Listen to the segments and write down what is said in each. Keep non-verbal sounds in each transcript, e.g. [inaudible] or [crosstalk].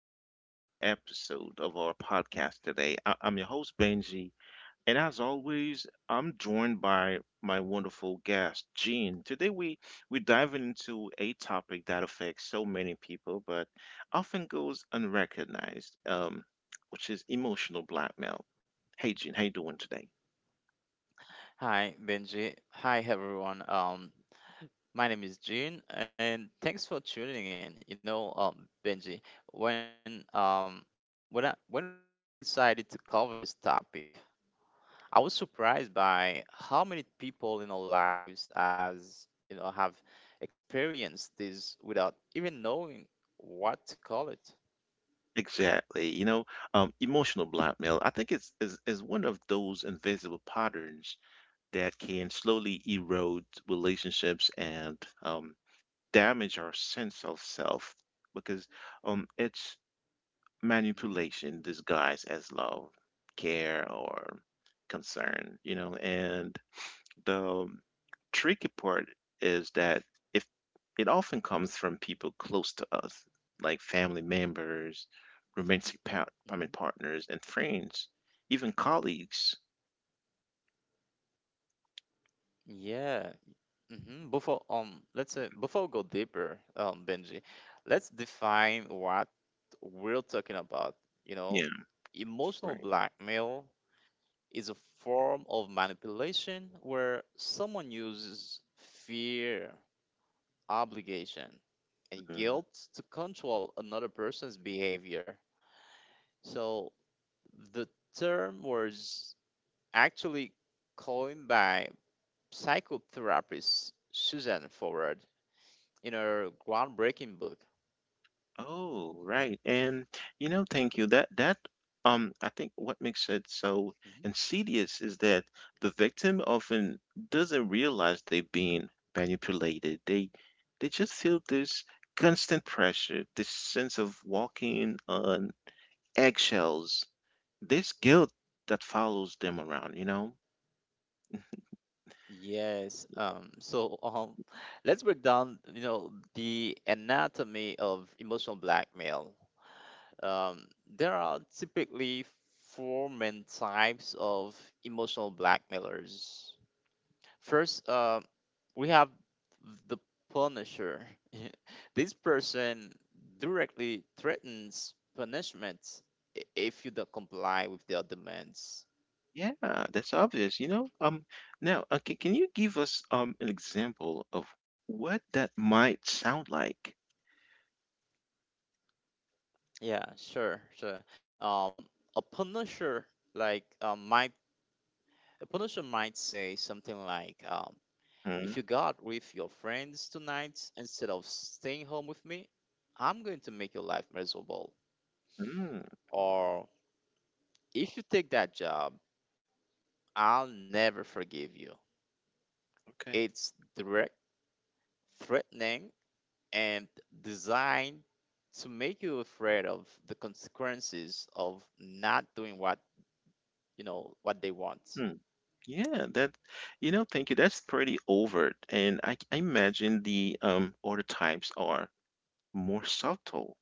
to another episode of our podcast today. I'm your host Benji, and as always, I'm joined by my wonderful guest Jean. Today we dive into a topic that affects so many people, but often goes unrecognized, which is emotional blackmail. Hey, Jean, how you doing today? Hi, Benji. Hi, everyone. My name is Jin, and thanks for tuning in. Benji, when we decided to cover this topic, I was surprised by how many people in our lives, as you know, have experienced this without even knowing what to call it. Exactly. You know, emotional blackmail, I think it's is one of those invisible patterns that can slowly erode relationships and um, damage our sense of self because it's hmm manipulation disguised as love, care, or concern, you know, and the tricky part is that if it often comes from people close to us, like family members, romantic pa- hmm I mean partners, and friends, even colleagues. Yeah. Before let's say before we go deeper, Benji, let's define what we're talking about, you know, Yeah, emotional right. blackmail is a form of manipulation where someone uses fear, obligation, and Mm-hmm. guilt to control another person's behavior. So the term was actually coined by psychotherapist Suzanne Forward in her groundbreaking book. Oh, right. And you know, thank you. That I think what makes it so insidious is that the victim often doesn't realize they're being manipulated. They just feel this constant pressure, this sense of walking on eggshells, this guilt that follows them around, you know? Yes. Let's break down, you know, the anatomy of emotional blackmail. There are typically four main types of emotional blackmailers. First, we have the punisher. [laughs] This person directly threatens punishment if you don't comply with their demands. Yeah, that's obvious, you know. Now, can you give us an example of what that might sound like? Yeah, sure, sure. Um, a punisher like might a punisher might say something like if Mm, you got with your friends tonight instead of staying home with me, I'm going to make your life miserable. mm, Or if you take that job, I'll never forgive you. okay. It's direct, threatening, and designed to make you afraid of the consequences of not doing what you know what they want. Hmm. Yeah, that, you know, thank you. That's pretty overt, and I imagine the other types are more subtle.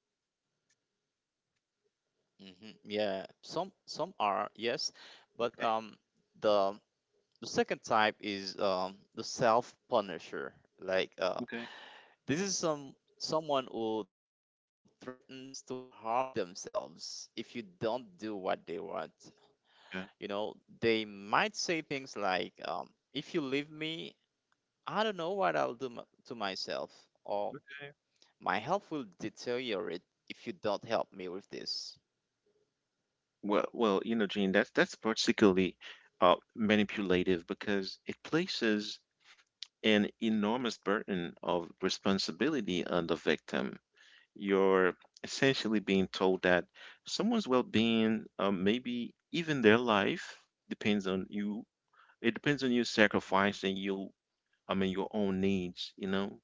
Yeah, some are yes, but Okay. The second type is the self punisher. Like uh, Okay. this is someone who threatens to harm themselves if you don't do what they want. You know, they might say things like, "If you leave me, I don't know what I'll do to myself," or Okay. "My health will deteriorate if you don't help me with this." Well, well, you know, Gene, that's particularly manipulative because it places an enormous burden of responsibility on the victim. You're essentially being told that someone's well-being, maybe even their life, depends on you. It depends on you Mm-hmm. sacrificing your own needs, you know.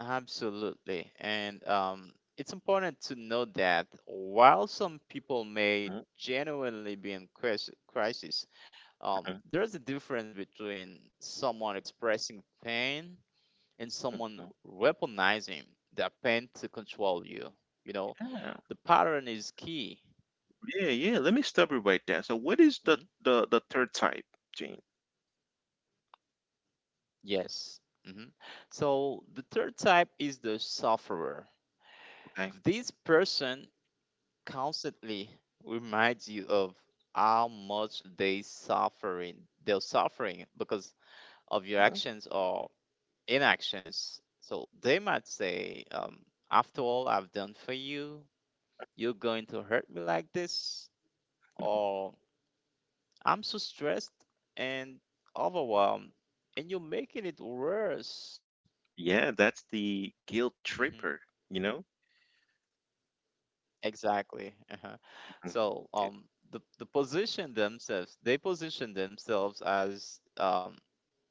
Absolutely. And it's important to note that while some people may Mhm, genuinely be in crisis, there's mhm, a difference between someone expressing pain and someone mhm. weaponizing that pain to control you. You know, Yeah, the pattern is key. yeah. Yeah, let me stop you right there. So, what is hmm the third type, Gene? Yes. So the third type is the sufferer. Okay. This person constantly reminds you of how much they're suffering because of your Mhm. actions or inactions. So they might say, after all I've done for you, you're going to hurt me like this, or I'm so stressed and overwhelmed, and you're making it worse. Yeah, that's the guilt Mhm. [laughs] tripper, you know? Exactly. Uh-huh. Mhm. So It, the position themselves, they position themselves as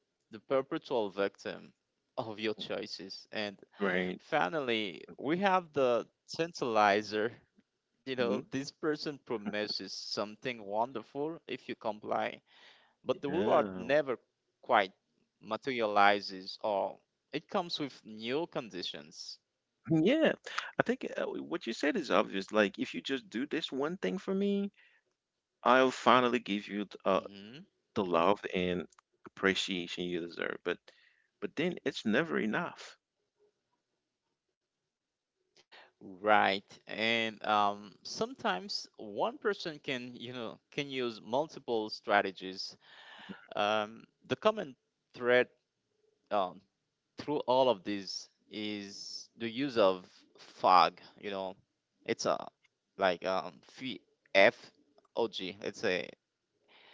the perpetual victim of your choices. And right. finally, we have the tantalizer. You know, Mhm. this person promises something wonderful if you comply, but the reward Yeah. never quite materializes or it comes with new conditions. Yeah. I think what you said is obvious. Like, if you just do this one thing for me, I'll finally give you hmm the love and appreciation you deserve. But then it's never enough. Right. And sometimes one person can, you know, can use multiple strategies. Um, the common thread uh, through all of this is the use of fog. You know, it's a like phi- FOG. It's a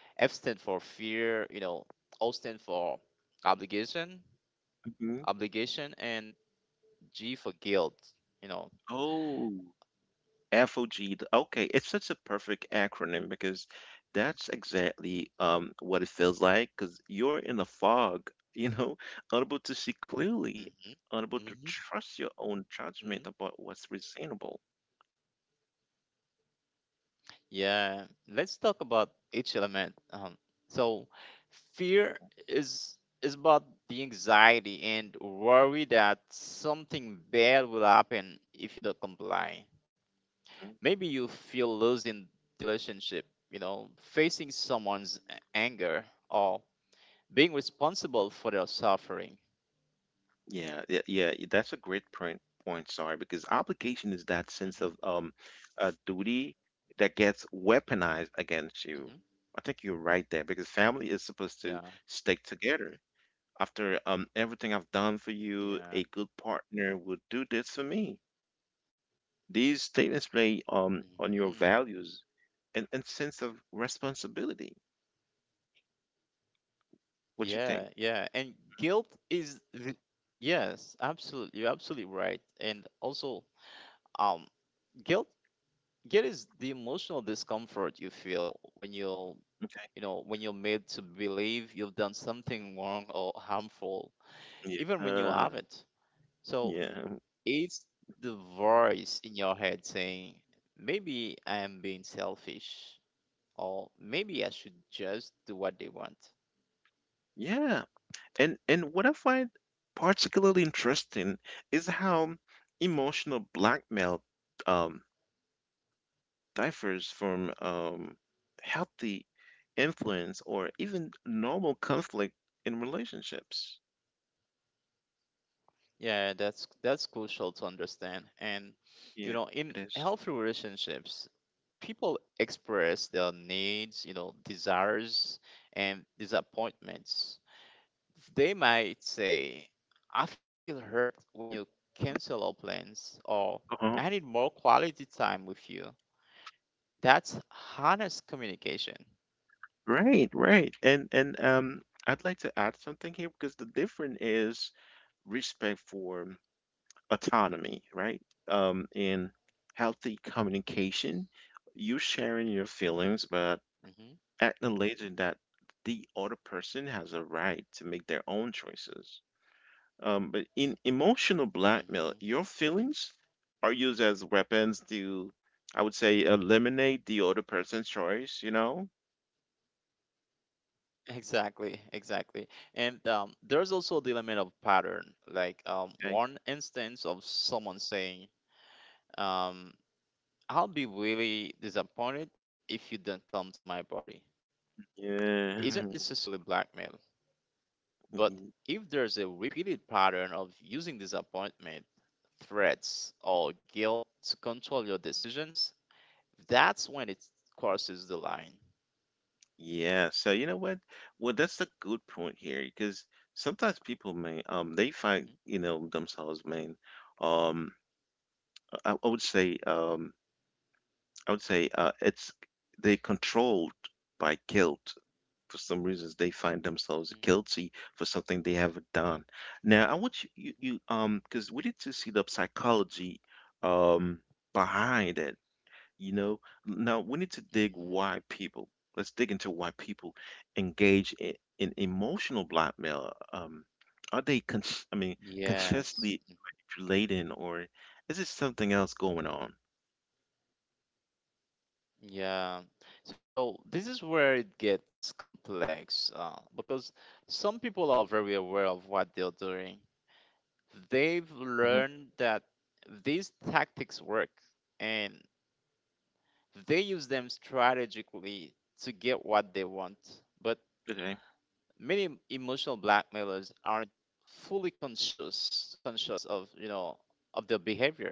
F stand for fear. You know, O stand for obligation, Mhm. obligation, and G for guilt. You know, Oh. FOG. Okay, it's such a perfect acronym because that's exactly what it feels like because you're in a fog, you know, [laughs] unable to see clearly, unable to hmm trust your own judgment hmm about what's reasonable. Yeah, let's talk about each element. So, fear is about the anxiety and worry that something bad will happen if you don't comply. Mm, Maybe you feel losing the relationship, you know, facing someone's anger, or being responsible for their suffering. Yeah, that's a great point, because obligation is that sense of hmm duty that gets weaponized against you. hmm I think you're right there because family is supposed to Yeah. stick together. mhm, After Everything I've done for you, Yeah. a good partner would do this for me. These statements play on hmm your values and sense of responsibility. What you think? Yeah, yeah. And guilt is the- Yes, absolutely. You're absolutely right. And also, um, guilt guilt is the emotional discomfort you feel Okay. you know, when you're made to believe you've done something wrong or harmful, Yeah. even when you haven't. So Yeah. it's the voice in your head saying, maybe I am being selfish, or maybe I should just do what they want. Yeah. And what I find particularly interesting is how emotional blackmail um, differs from healthy influence or even normal conflict in relationships. Yeah, that's crucial to understand. And Yeah, you know, it in is. healthy relationships, people express their needs, you know, desires and disappointments. They might say, "I feel hurt when you cancel our plans," or Uh-huh. "I need more quality time with you." That's honest communication. Right, right. And I'd like to add something here because the difference is respect for autonomy, right? In healthy communication, you sharing your feelings but hmm acknowledging that the other person has a right to make their own choices. But in emotional blackmail, hmm your feelings are used as weapons to I would say eliminate the other person's choice, you know? Exactly, exactly. And there's also the element of pattern, Okay. like one instance of someone saying, um, I'll be really disappointed if you don't come to my party. Isn't Yeah. necessarily blackmail, but hmm if there's a repeated pattern of using disappointment, threats, or guilt to control your decisions, that's when it crosses the line. Yeah, so you know what? Well, that's a good point here because sometimes people may they Mhm, find you know themselves main um I, I would say um I would say it's they controlled by guilt for some reasons they find themselves guilty for something they haven't done. Now I want mhm, you because we need to see the psychology um behind it. You know, now we need to dig mhm, why mhm. people, let's dig into why people engage in emotional blackmail. Are they, con- I mean, consciously Yes. manipulating, or is it something else going on? Yeah. So this is where it gets complex because some people are very aware of what they're doing. They've Hmm learned that these tactics work and they use them strategically to get what they want. But Okay. many emotional blackmailers aren't fully conscious conscious of, you know, of their behavior.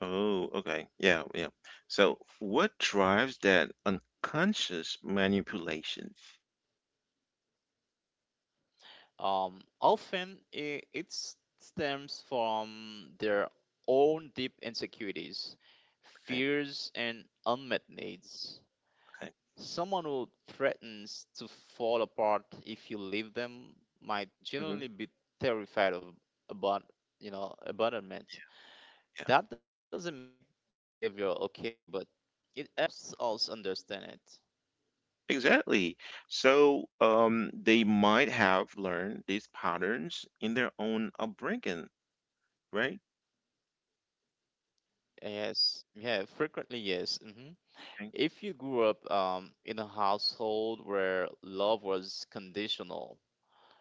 Oh, okay. Yeah, yeah. So what drives that unconscious manipulation? Often stems from their own deep insecurities, Okay, fears, and unmet needs. okay. Someone who threatens to fall apart if you leave them might hmm generally be terrified of about you know abandonment. Yeah, That doesn't make the behavior okay, but it helps us understand it. exactly. So, they might have learned these patterns in their own upbringing, right? Yes, yeah, frequently yes. Okay. If you grew up in a household where love was conditional,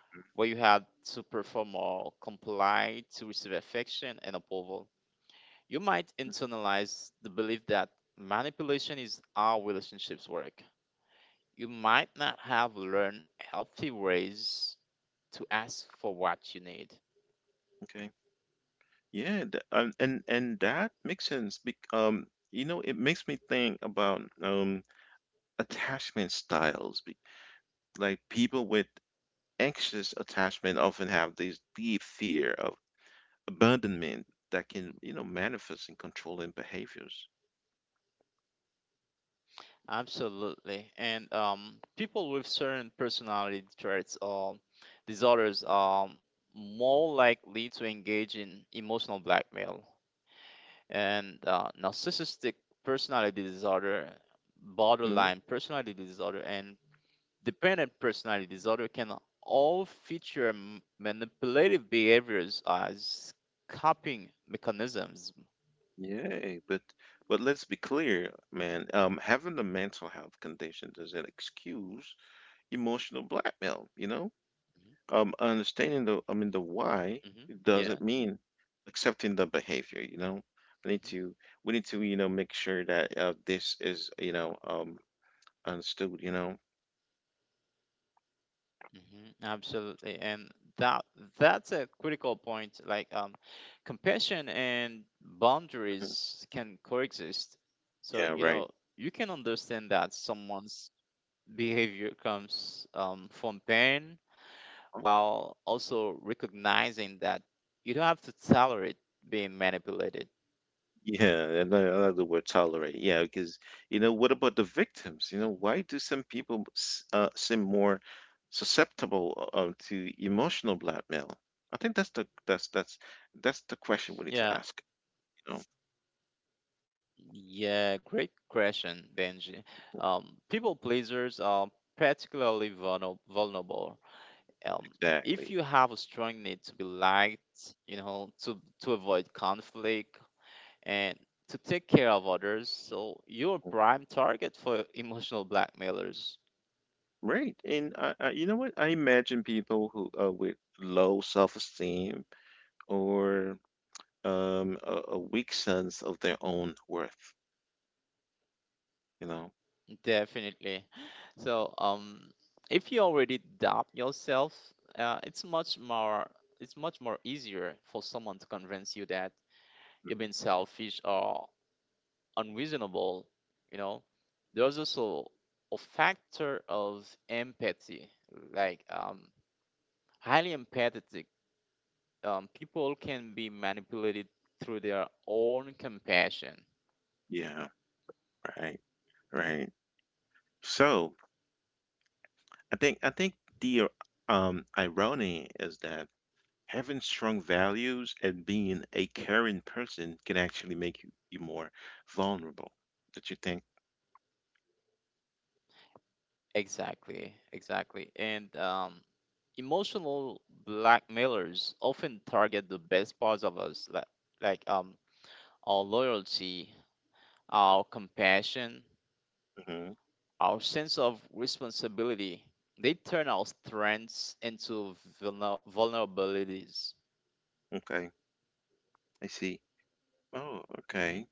where Mm. you had to perform or comply to receive affection and approval, you might internalize the belief that manipulation is how relationships work. You might not have learned healthy ways to ask for what you need. Okay. Yeah, and that makes sense. Bec You know, it makes me think about attachment styles. Be Like people with anxious attachment often have this deep fear of abandonment that can, you know, manifest in controlling behaviors. Absolutely. And people with certain personality traits or disorders are more likely to engage in emotional blackmail. And narcissistic personality disorder, Mhm. borderline personality disorder, and dependent personality disorder can all feature manipulative behaviors as coping mechanisms. Yay, but let's be clear, man. Having a mental health condition doesn't excuse emotional blackmail, you know? Mhm, Understanding mhm, the mhm. why, Yeah. it doesn't mean accepting the behavior, you know? I need to, we need to, you know, make sure that this is, you know, understood, you know? Mhm, Absolutely, and that that's a critical point. Like, compassion and Mhm. boundaries can coexist. So Yeah, you know right. you can understand that someone's behavior comes from pain, while also recognizing that you don't have to tolerate being manipulated. Yeah, in I like the word, tolerate. Yeah, because you know, what about the victims? You know, Mhm. why do some people seem more susceptible to emotional blackmail? I think that's the question we need to ask. Yeah, You know, yeah, great question, Benji. People pleasers are particularly vulnerable, um, if exactly. you have a strong need to be liked, you know, to avoid conflict and to take care of others, so you're a prime target for emotional blackmailers. Right, and you know what? I imagine people who with low self-esteem or a weak sense of their own worth. You know. Definitely. So, if you already doubt yourself, uh, it's much more it's much more easier for someone to convince you that you're being selfish or unreasonable. You know, there's also a factor of empathy, like highly empathetic people can be manipulated through their own compassion. Yeah. Right. Right. So. I think the irony is that having strong values and being a caring person can actually make you more vulnerable. That you think? Exactly, exactly, and emotional blackmailers often target the best parts of us, like our loyalty, our compassion, Hmm our sense of responsibility. They turn our strengths into vulnerabilities. Okay, I see. Oh, hmm okay.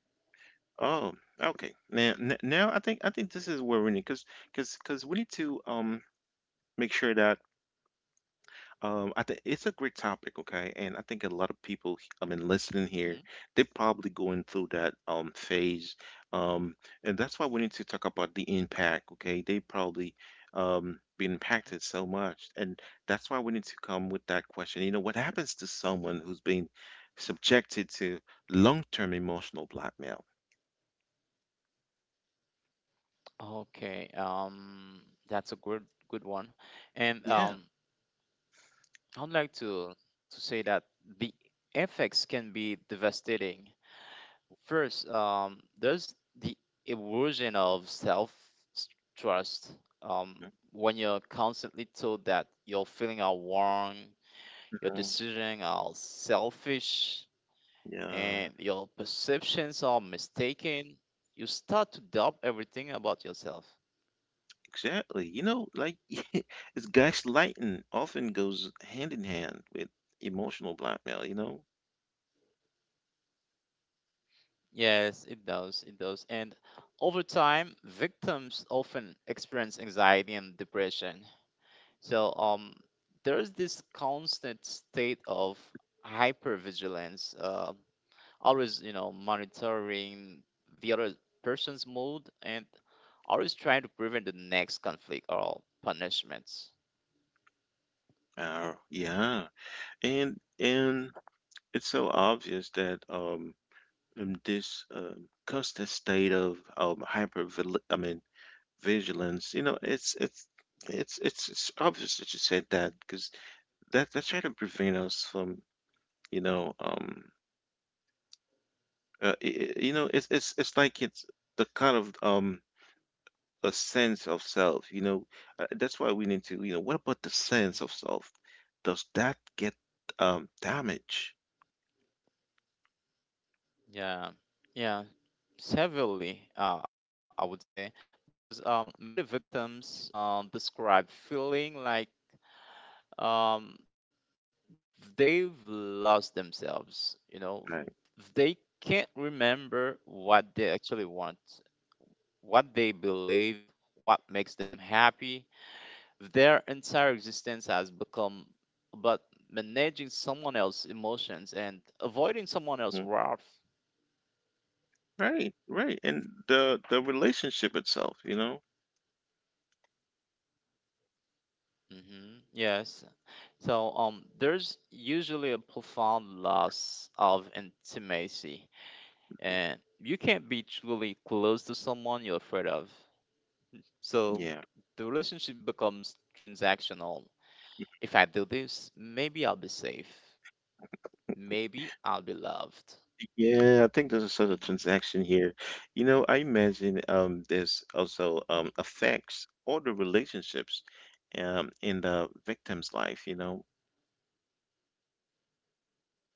Oh, okay. Now, now I think this is where we need because we need to make sure that um, I think it's a great topic, okay? And I think a lot of people, listening here, hmm they're probably going through that phase. Um, and that's why we need to talk about the impact, okay? They probably been impacted so much. And that's why we need to come with that question. You know, what happens to someone who's been subjected to long-term emotional blackmail? Okay, um, that's a good one, and Yeah. I'd like to say that the effects can be devastating. First, there's the erosion of self trust. Um, when you're constantly told that your feelings are wrong, your Mhm. decisions are selfish, and Yeah. your perceptions are mistaken, you start to doubt everything about yourself. Exactly. You know, like [laughs] it's gaslighting often goes hand in hand with emotional blackmail, you know? Yes, it does. It does. And over time, victims often experience anxiety and depression. So, there's this constant state of hypervigilance, always, you know, monitoring the other person's mood and always trying to prevent the next conflict or punishments. Yeah. And it's so obvious that this constant state of hyper I mean vigilance, you know, it's obvious that you said Mhm, that because that that's trying to prevent us from, you know, you know, it's like it's the kind of a sense of self, you know. That's why we need to, you know, what about the sense of mhm. self? Does that get damaged? Yeah, yeah, severely, I would say, because many victims describe feeling like um, they've lost themselves. You know, Right. they can't remember what they actually want, what they believe, what makes them happy. Their entire existence has become about managing someone else's emotions and avoiding someone Mhm. else's wrath. Right, right. And the relationship itself, you know? hmm Yes. So there's usually a profound loss of intimacy, Mhm. and you can't be truly close to someone you're afraid of. So Yeah. the relationship becomes transactional. If I do this, maybe I'll be safe. Maybe I'll be loved. Yeah, I think there's a sort of hmm transaction here. You know, I imagine there's also affects all the relationships in the victim's life, you know.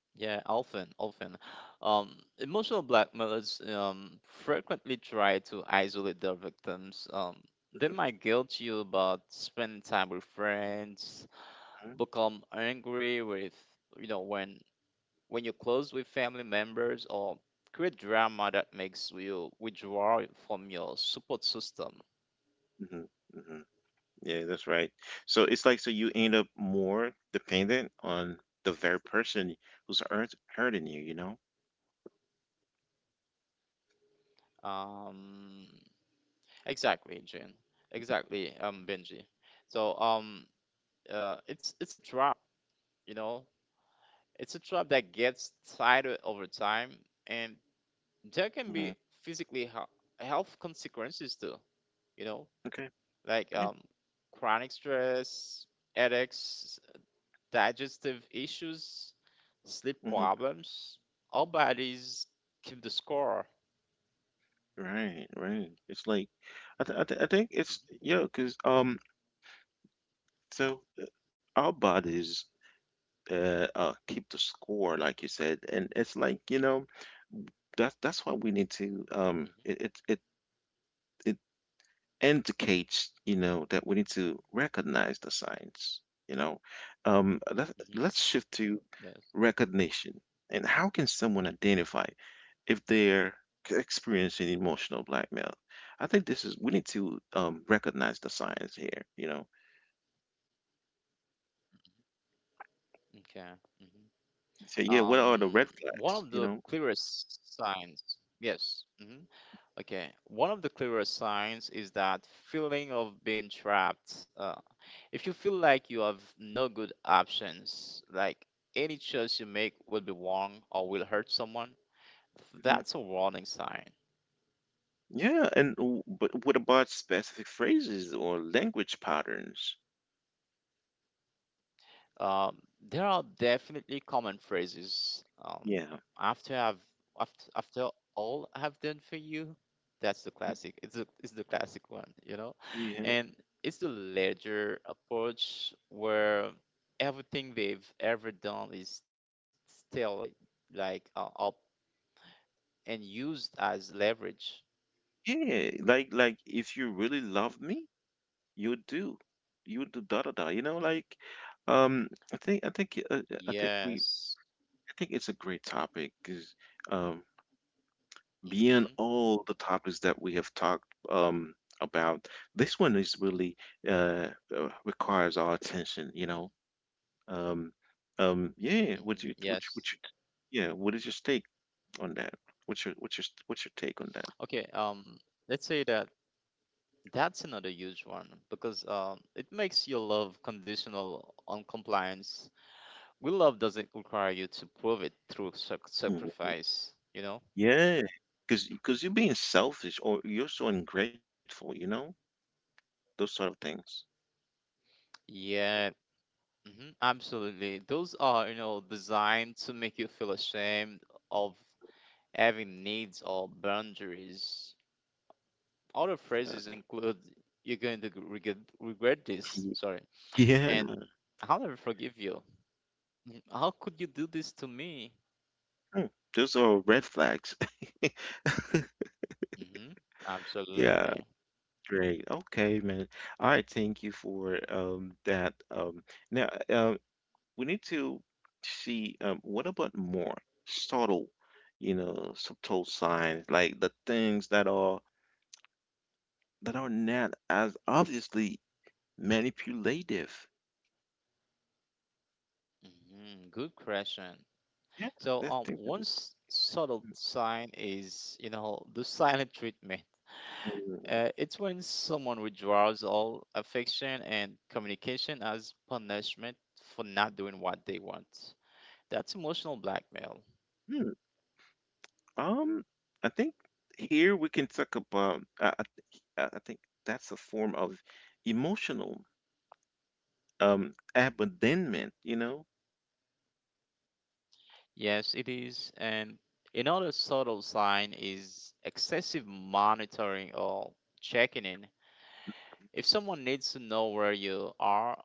Yeah, often, often. Emotional blackmailers frequently try to isolate their victims. They might guilt you about spending time with friends, Mhm, become angry with, you know, when you're close with family members, or create drama that makes you withdraw from your support system. mhm, mhm. Yeah, that's right. So it's like, so you hmm end up more dependent on the very person who's hurting you, you know? Um, exactly, Jane. Exactly, Benji. So it's a trap, you know. It's a trap that gets tighter over time, and there can Hmm be physically health consequences too. You know, Okay. like Yeah. Chronic stress, headaches, digestive issues, sleep hmm problems. Our bodies keep the score. Right, right. It's like I think it's yeah because so our bodies keep the score like you said, and it's like, you know, that's why we need to Mhm, it it indicates, you know, that we need to recognize the signs. You know, mhm, mhm. let's shift to Yes. recognition. And how can someone identify if mhm. they're experiencing emotional blackmail? I think this is, we need to recognize the signs here, you know. Okay. mhm. Say, yeah, what are the Um, red one of flags, you the know? clearest signs. Yes. Mm-hmm. Okay, one of the clearest signs is that feeling of being trapped. If you feel like you have no good options, like any choice you make will be wrong or will hurt someone, that's a Hmm warning sign. Yeah, and but what about specific phrases or language patterns? Um, there are definitely common phrases. Um, Yeah, after I've after, after all I've done for you, that's the classic. It's the classic one, you know, yeah, and it's the ledger approach where everything they've ever done is still up and used as leverage. yeah. Like if you really love me, you do da da da, you know? Like um I think I think I think we Yes. I think it's a great topic because um beyond Mm-hmm. all the topics that we have talked um about, this one is really uh, requires our attention, you know, um yeah, what you Mm-hmm. what you, what Yes. yeah what is your take on that what's your what's your what's your take on that? Okay. Let's say that that's another huge one because it makes your love conditional on compliance. Good love doesn't require you to prove it through Mhm. sacrifice, you know? Yeah, because you're being selfish or you're so ungrateful, you know, those sort of things. Yeah, mhm, absolutely. Those are, you know, designed to make you feel ashamed of having needs or boundaries. Other phrases Uh, include, you're going to regret this, y- sorry, and yeah. I'll never forgive you. Mhm. How could you do this to me? Hmm. Those are red flags. [laughs] hmm Yeah, Absolutely. great. Okay, man. All right, thank you for that. Now we need to see what about more subtle, subtle signs, like the things that are not as obviously manipulative. Mhm. Good question. Yeah, So, that's things that one subtle Mm, sign is, you know, the silent treatment. mm, It's when someone withdraws all affection and communication as punishment for not doing what they want. That's emotional blackmail. mm. Um, I think here we can talk about. I, th- I think that's a form of emotional abandonment. You know. Yes, it is. And another subtle sign is excessive monitoring or checking in. If someone needs to know where you are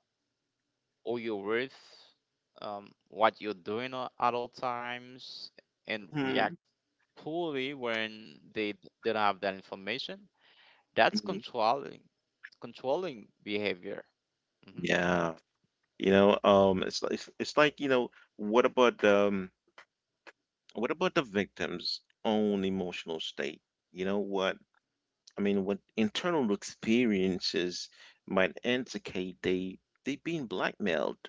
all your worth, what you're doing at all times, and Mhm, reacts poorly when they don't have that information. That's mhm. controlling behavior. hmm Yeah. You know. It's like you know. What about. What about the victim's own emotional state? You know what I mean? What internal experiences might indicate they being blackmailed?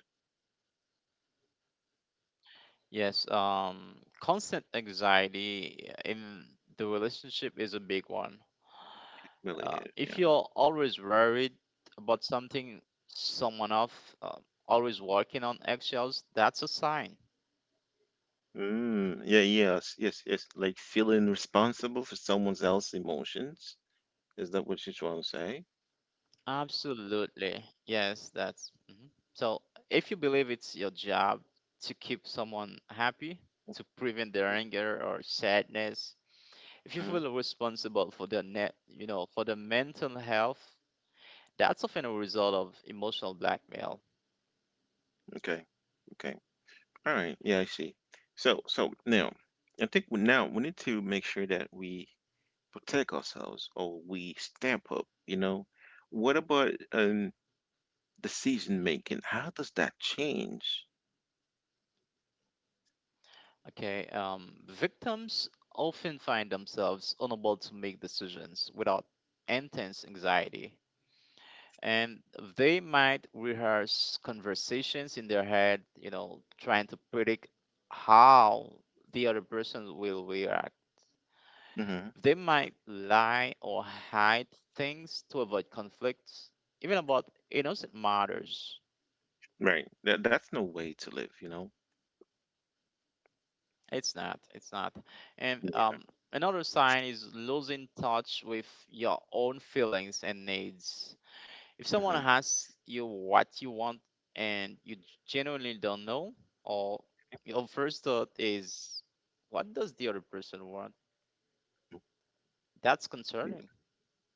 Yes, constant anxiety in the relationship is a big one. Really? If you're always worried about something, someone else, always walking on eggshells, that's a sign. Mm, yeah, yes, yes, yes. Like feeling responsible for someone else's emotions. Is that what you're trying to say? Absolutely. Yes, that's. Mhm. So, if you believe it's your job to keep someone happy, to prevent their anger or sadness, if you Hmm feel responsible for their for their mental health, that's often a result of emotional blackmail. Okay, okay. All right. Yeah, I see. So, so now, now we need to make sure that we protect ourselves or we step up, you know. What about Mm. decision making? How does that change? Okay, victims often find themselves unable to make decisions without intense anxiety and they might rehearse conversations in their head, you know, trying to predict how the other person will react. Hmm They might lie or hide things to avoid conflicts, even about innocent matters. Right. That that's no way to live, you know. It's not, it's not. And Yeah. Another sign is losing touch with your own feelings and needs. If someone hmm asks you what you want and you genuinely don't know, or your first thought is, what does the other person want? That's concerning.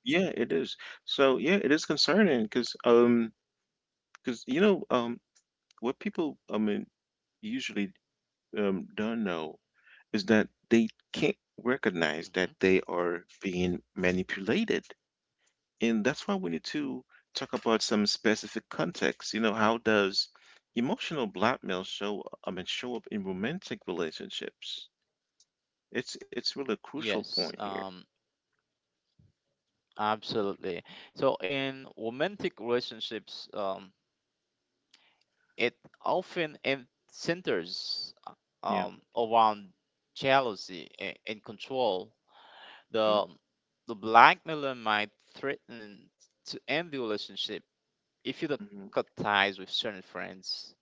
Yeah, it is. So yeah, it is concerning because because you know, what people, I mean, usually don't know is that they can't recognize hmm that they are being manipulated, and that's why we need to talk about some specific context. You know, how does emotional blackmail show up in romantic relationships. It's really a crucial point Yes, here. Absolutely. So in romantic relationships, it often centers Yeah. Around jealousy and control. hmm The the blackmailer might threaten to end the relationship if you don't cut ties with certain friends,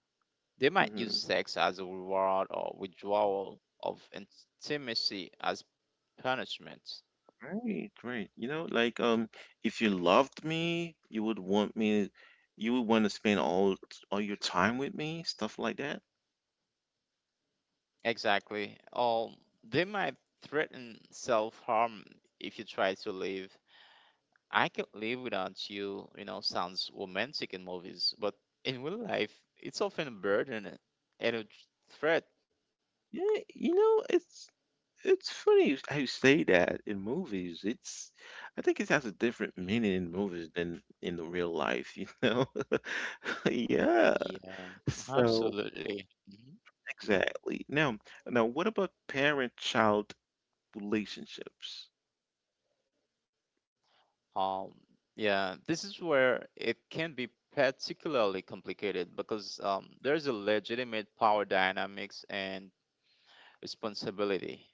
they might use hmm sex as a reward or withdrawal of intimacy as punishment. Great, great. You know, like if you loved me, you would want me, you would want to spend all your time with me, stuff like that. Exactly. Or they might threaten self harm if you try to leave. I can live without you, you know, sounds romantic in movies, but in real life, it's often a burden and a threat. Yeah, you know, it's it's funny how you say that in movies. It's I think it has a Mhm. different meaning in movies than in the real life, you know? [laughs] Yeah. Yeah, So absolutely. Mm-hmm. exactly. Now, now what about parent-child relationships? Um, yeah, this is where it can be particularly complicated because there's a legitimate power dynamics and responsibility.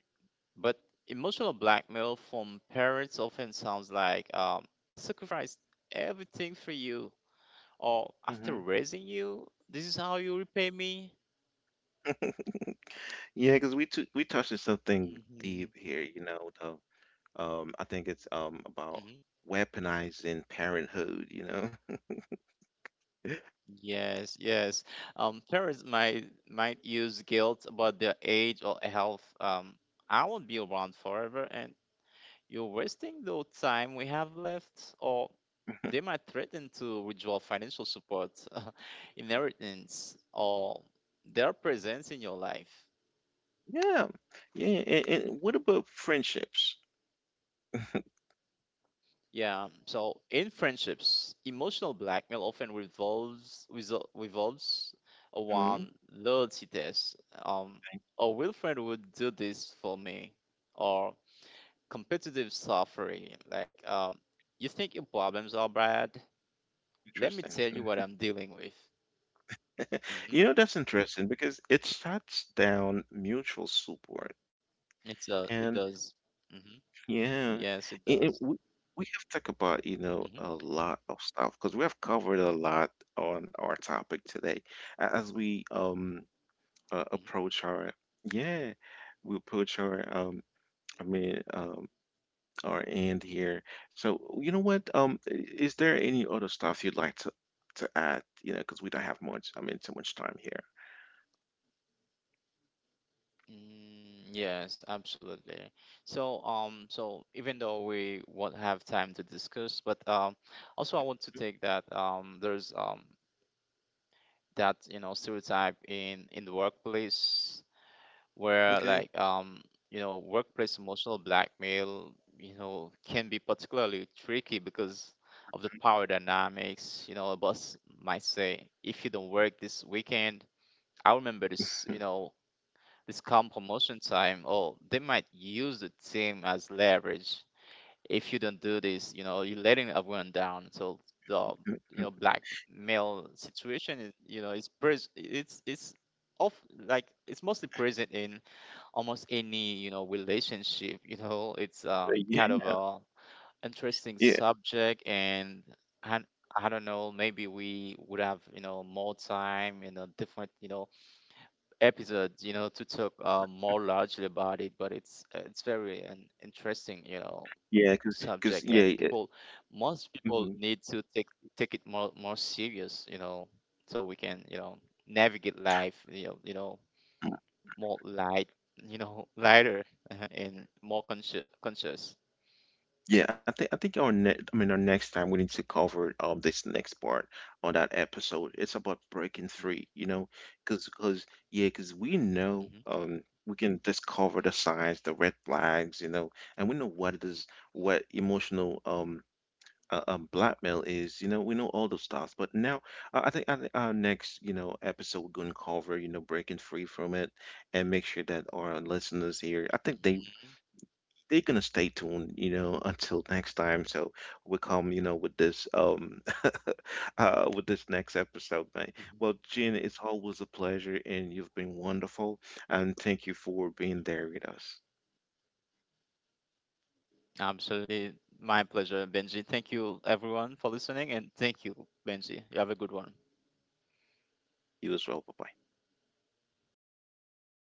But emotional blackmail from parents often sounds like I sacrificed everything for you, or after Hmm raising you, this is how you repay me. [laughs] Yeah, because we touched on something deep here, you know, the I think it's [laughs] about weaponizing parenthood, you know. [laughs] Yes, yes. Parents might use guilt about their age or health. I won't be around forever, and you're wasting the time we have left. Or they might threaten to withdraw financial support, [laughs] inheritance, or their presence in your life. Yeah. Yeah, and what about friendships? [laughs] Yeah. So in friendships, emotional blackmail often revolves hmm around loyalty tests. Um, a real friend would do this for me, or competitive suffering. Like, you think your problems are bad? Let me Interesting. tell you what Hmm. I'm dealing with. You Mm-hmm. know, that's interesting because it shuts down mutual support. It's it And does. Mm-hmm. yeah, Yes, it it, does. it- we, we have talked about, you know, Mm-hmm. a lot of stuff because we have covered a lot on our topic today. As we approach our yeah, we approach our I mean um our end here. So, you know what? Is there any other stuff you'd like to add, you know, because we don't have too much time here. Mm. Yes, absolutely. So, so even though we won't have time to discuss, but also I want to take that there's that you know stereotype in the workplace where Okay. like you know workplace emotional blackmail you know can be particularly tricky because of the power dynamics. You know, a boss might say, if you don't work this weekend, I remember this. You [laughs] know, this calm promotion time, or they might use the team as leverage. If you don't do this, you know, you're letting everyone down. So the you know blackmail situation, is, you know, is it's of like it's mostly present in almost any you know relationship. You know, it's Uh, kind of a interesting yeah, subject and I don't know, maybe we would have, you know, more time, you know, different, you know, episodes, you know, to talk more largely about it. But it's very an interesting, you know, subject, and yeah, people, most people mhm. need to take take it more serious, you know, so we can, you know, navigate life, you know, Mm, more light, you know, [laughs] lighter and more conscious. Yeah, I think our ne I mean, our next time we need to cover this next part on that episode. It's about breaking free, you hmm know, cause, cause, yeah, cause we know hmm we can discover the signs, the red flags, you know, and we know what it is, what emotional blackmail is, you know, we know all those stuff, but now I think our next, you know, episode we're gonna cover, you know, breaking free from it, and make sure that our listeners here, I think hmm they're gonna stay tuned, you know, [laughs] until next time. So we come, you know, with this [laughs] with this next episode, mate. Well, hmm Gina, it's always a pleasure, and you've been wonderful, and thank you for being there with us. Absolutely. My pleasure, Benji. Thank you, everyone, for listening. And thank you, Benji. You have a good one. You as well. Bye bye.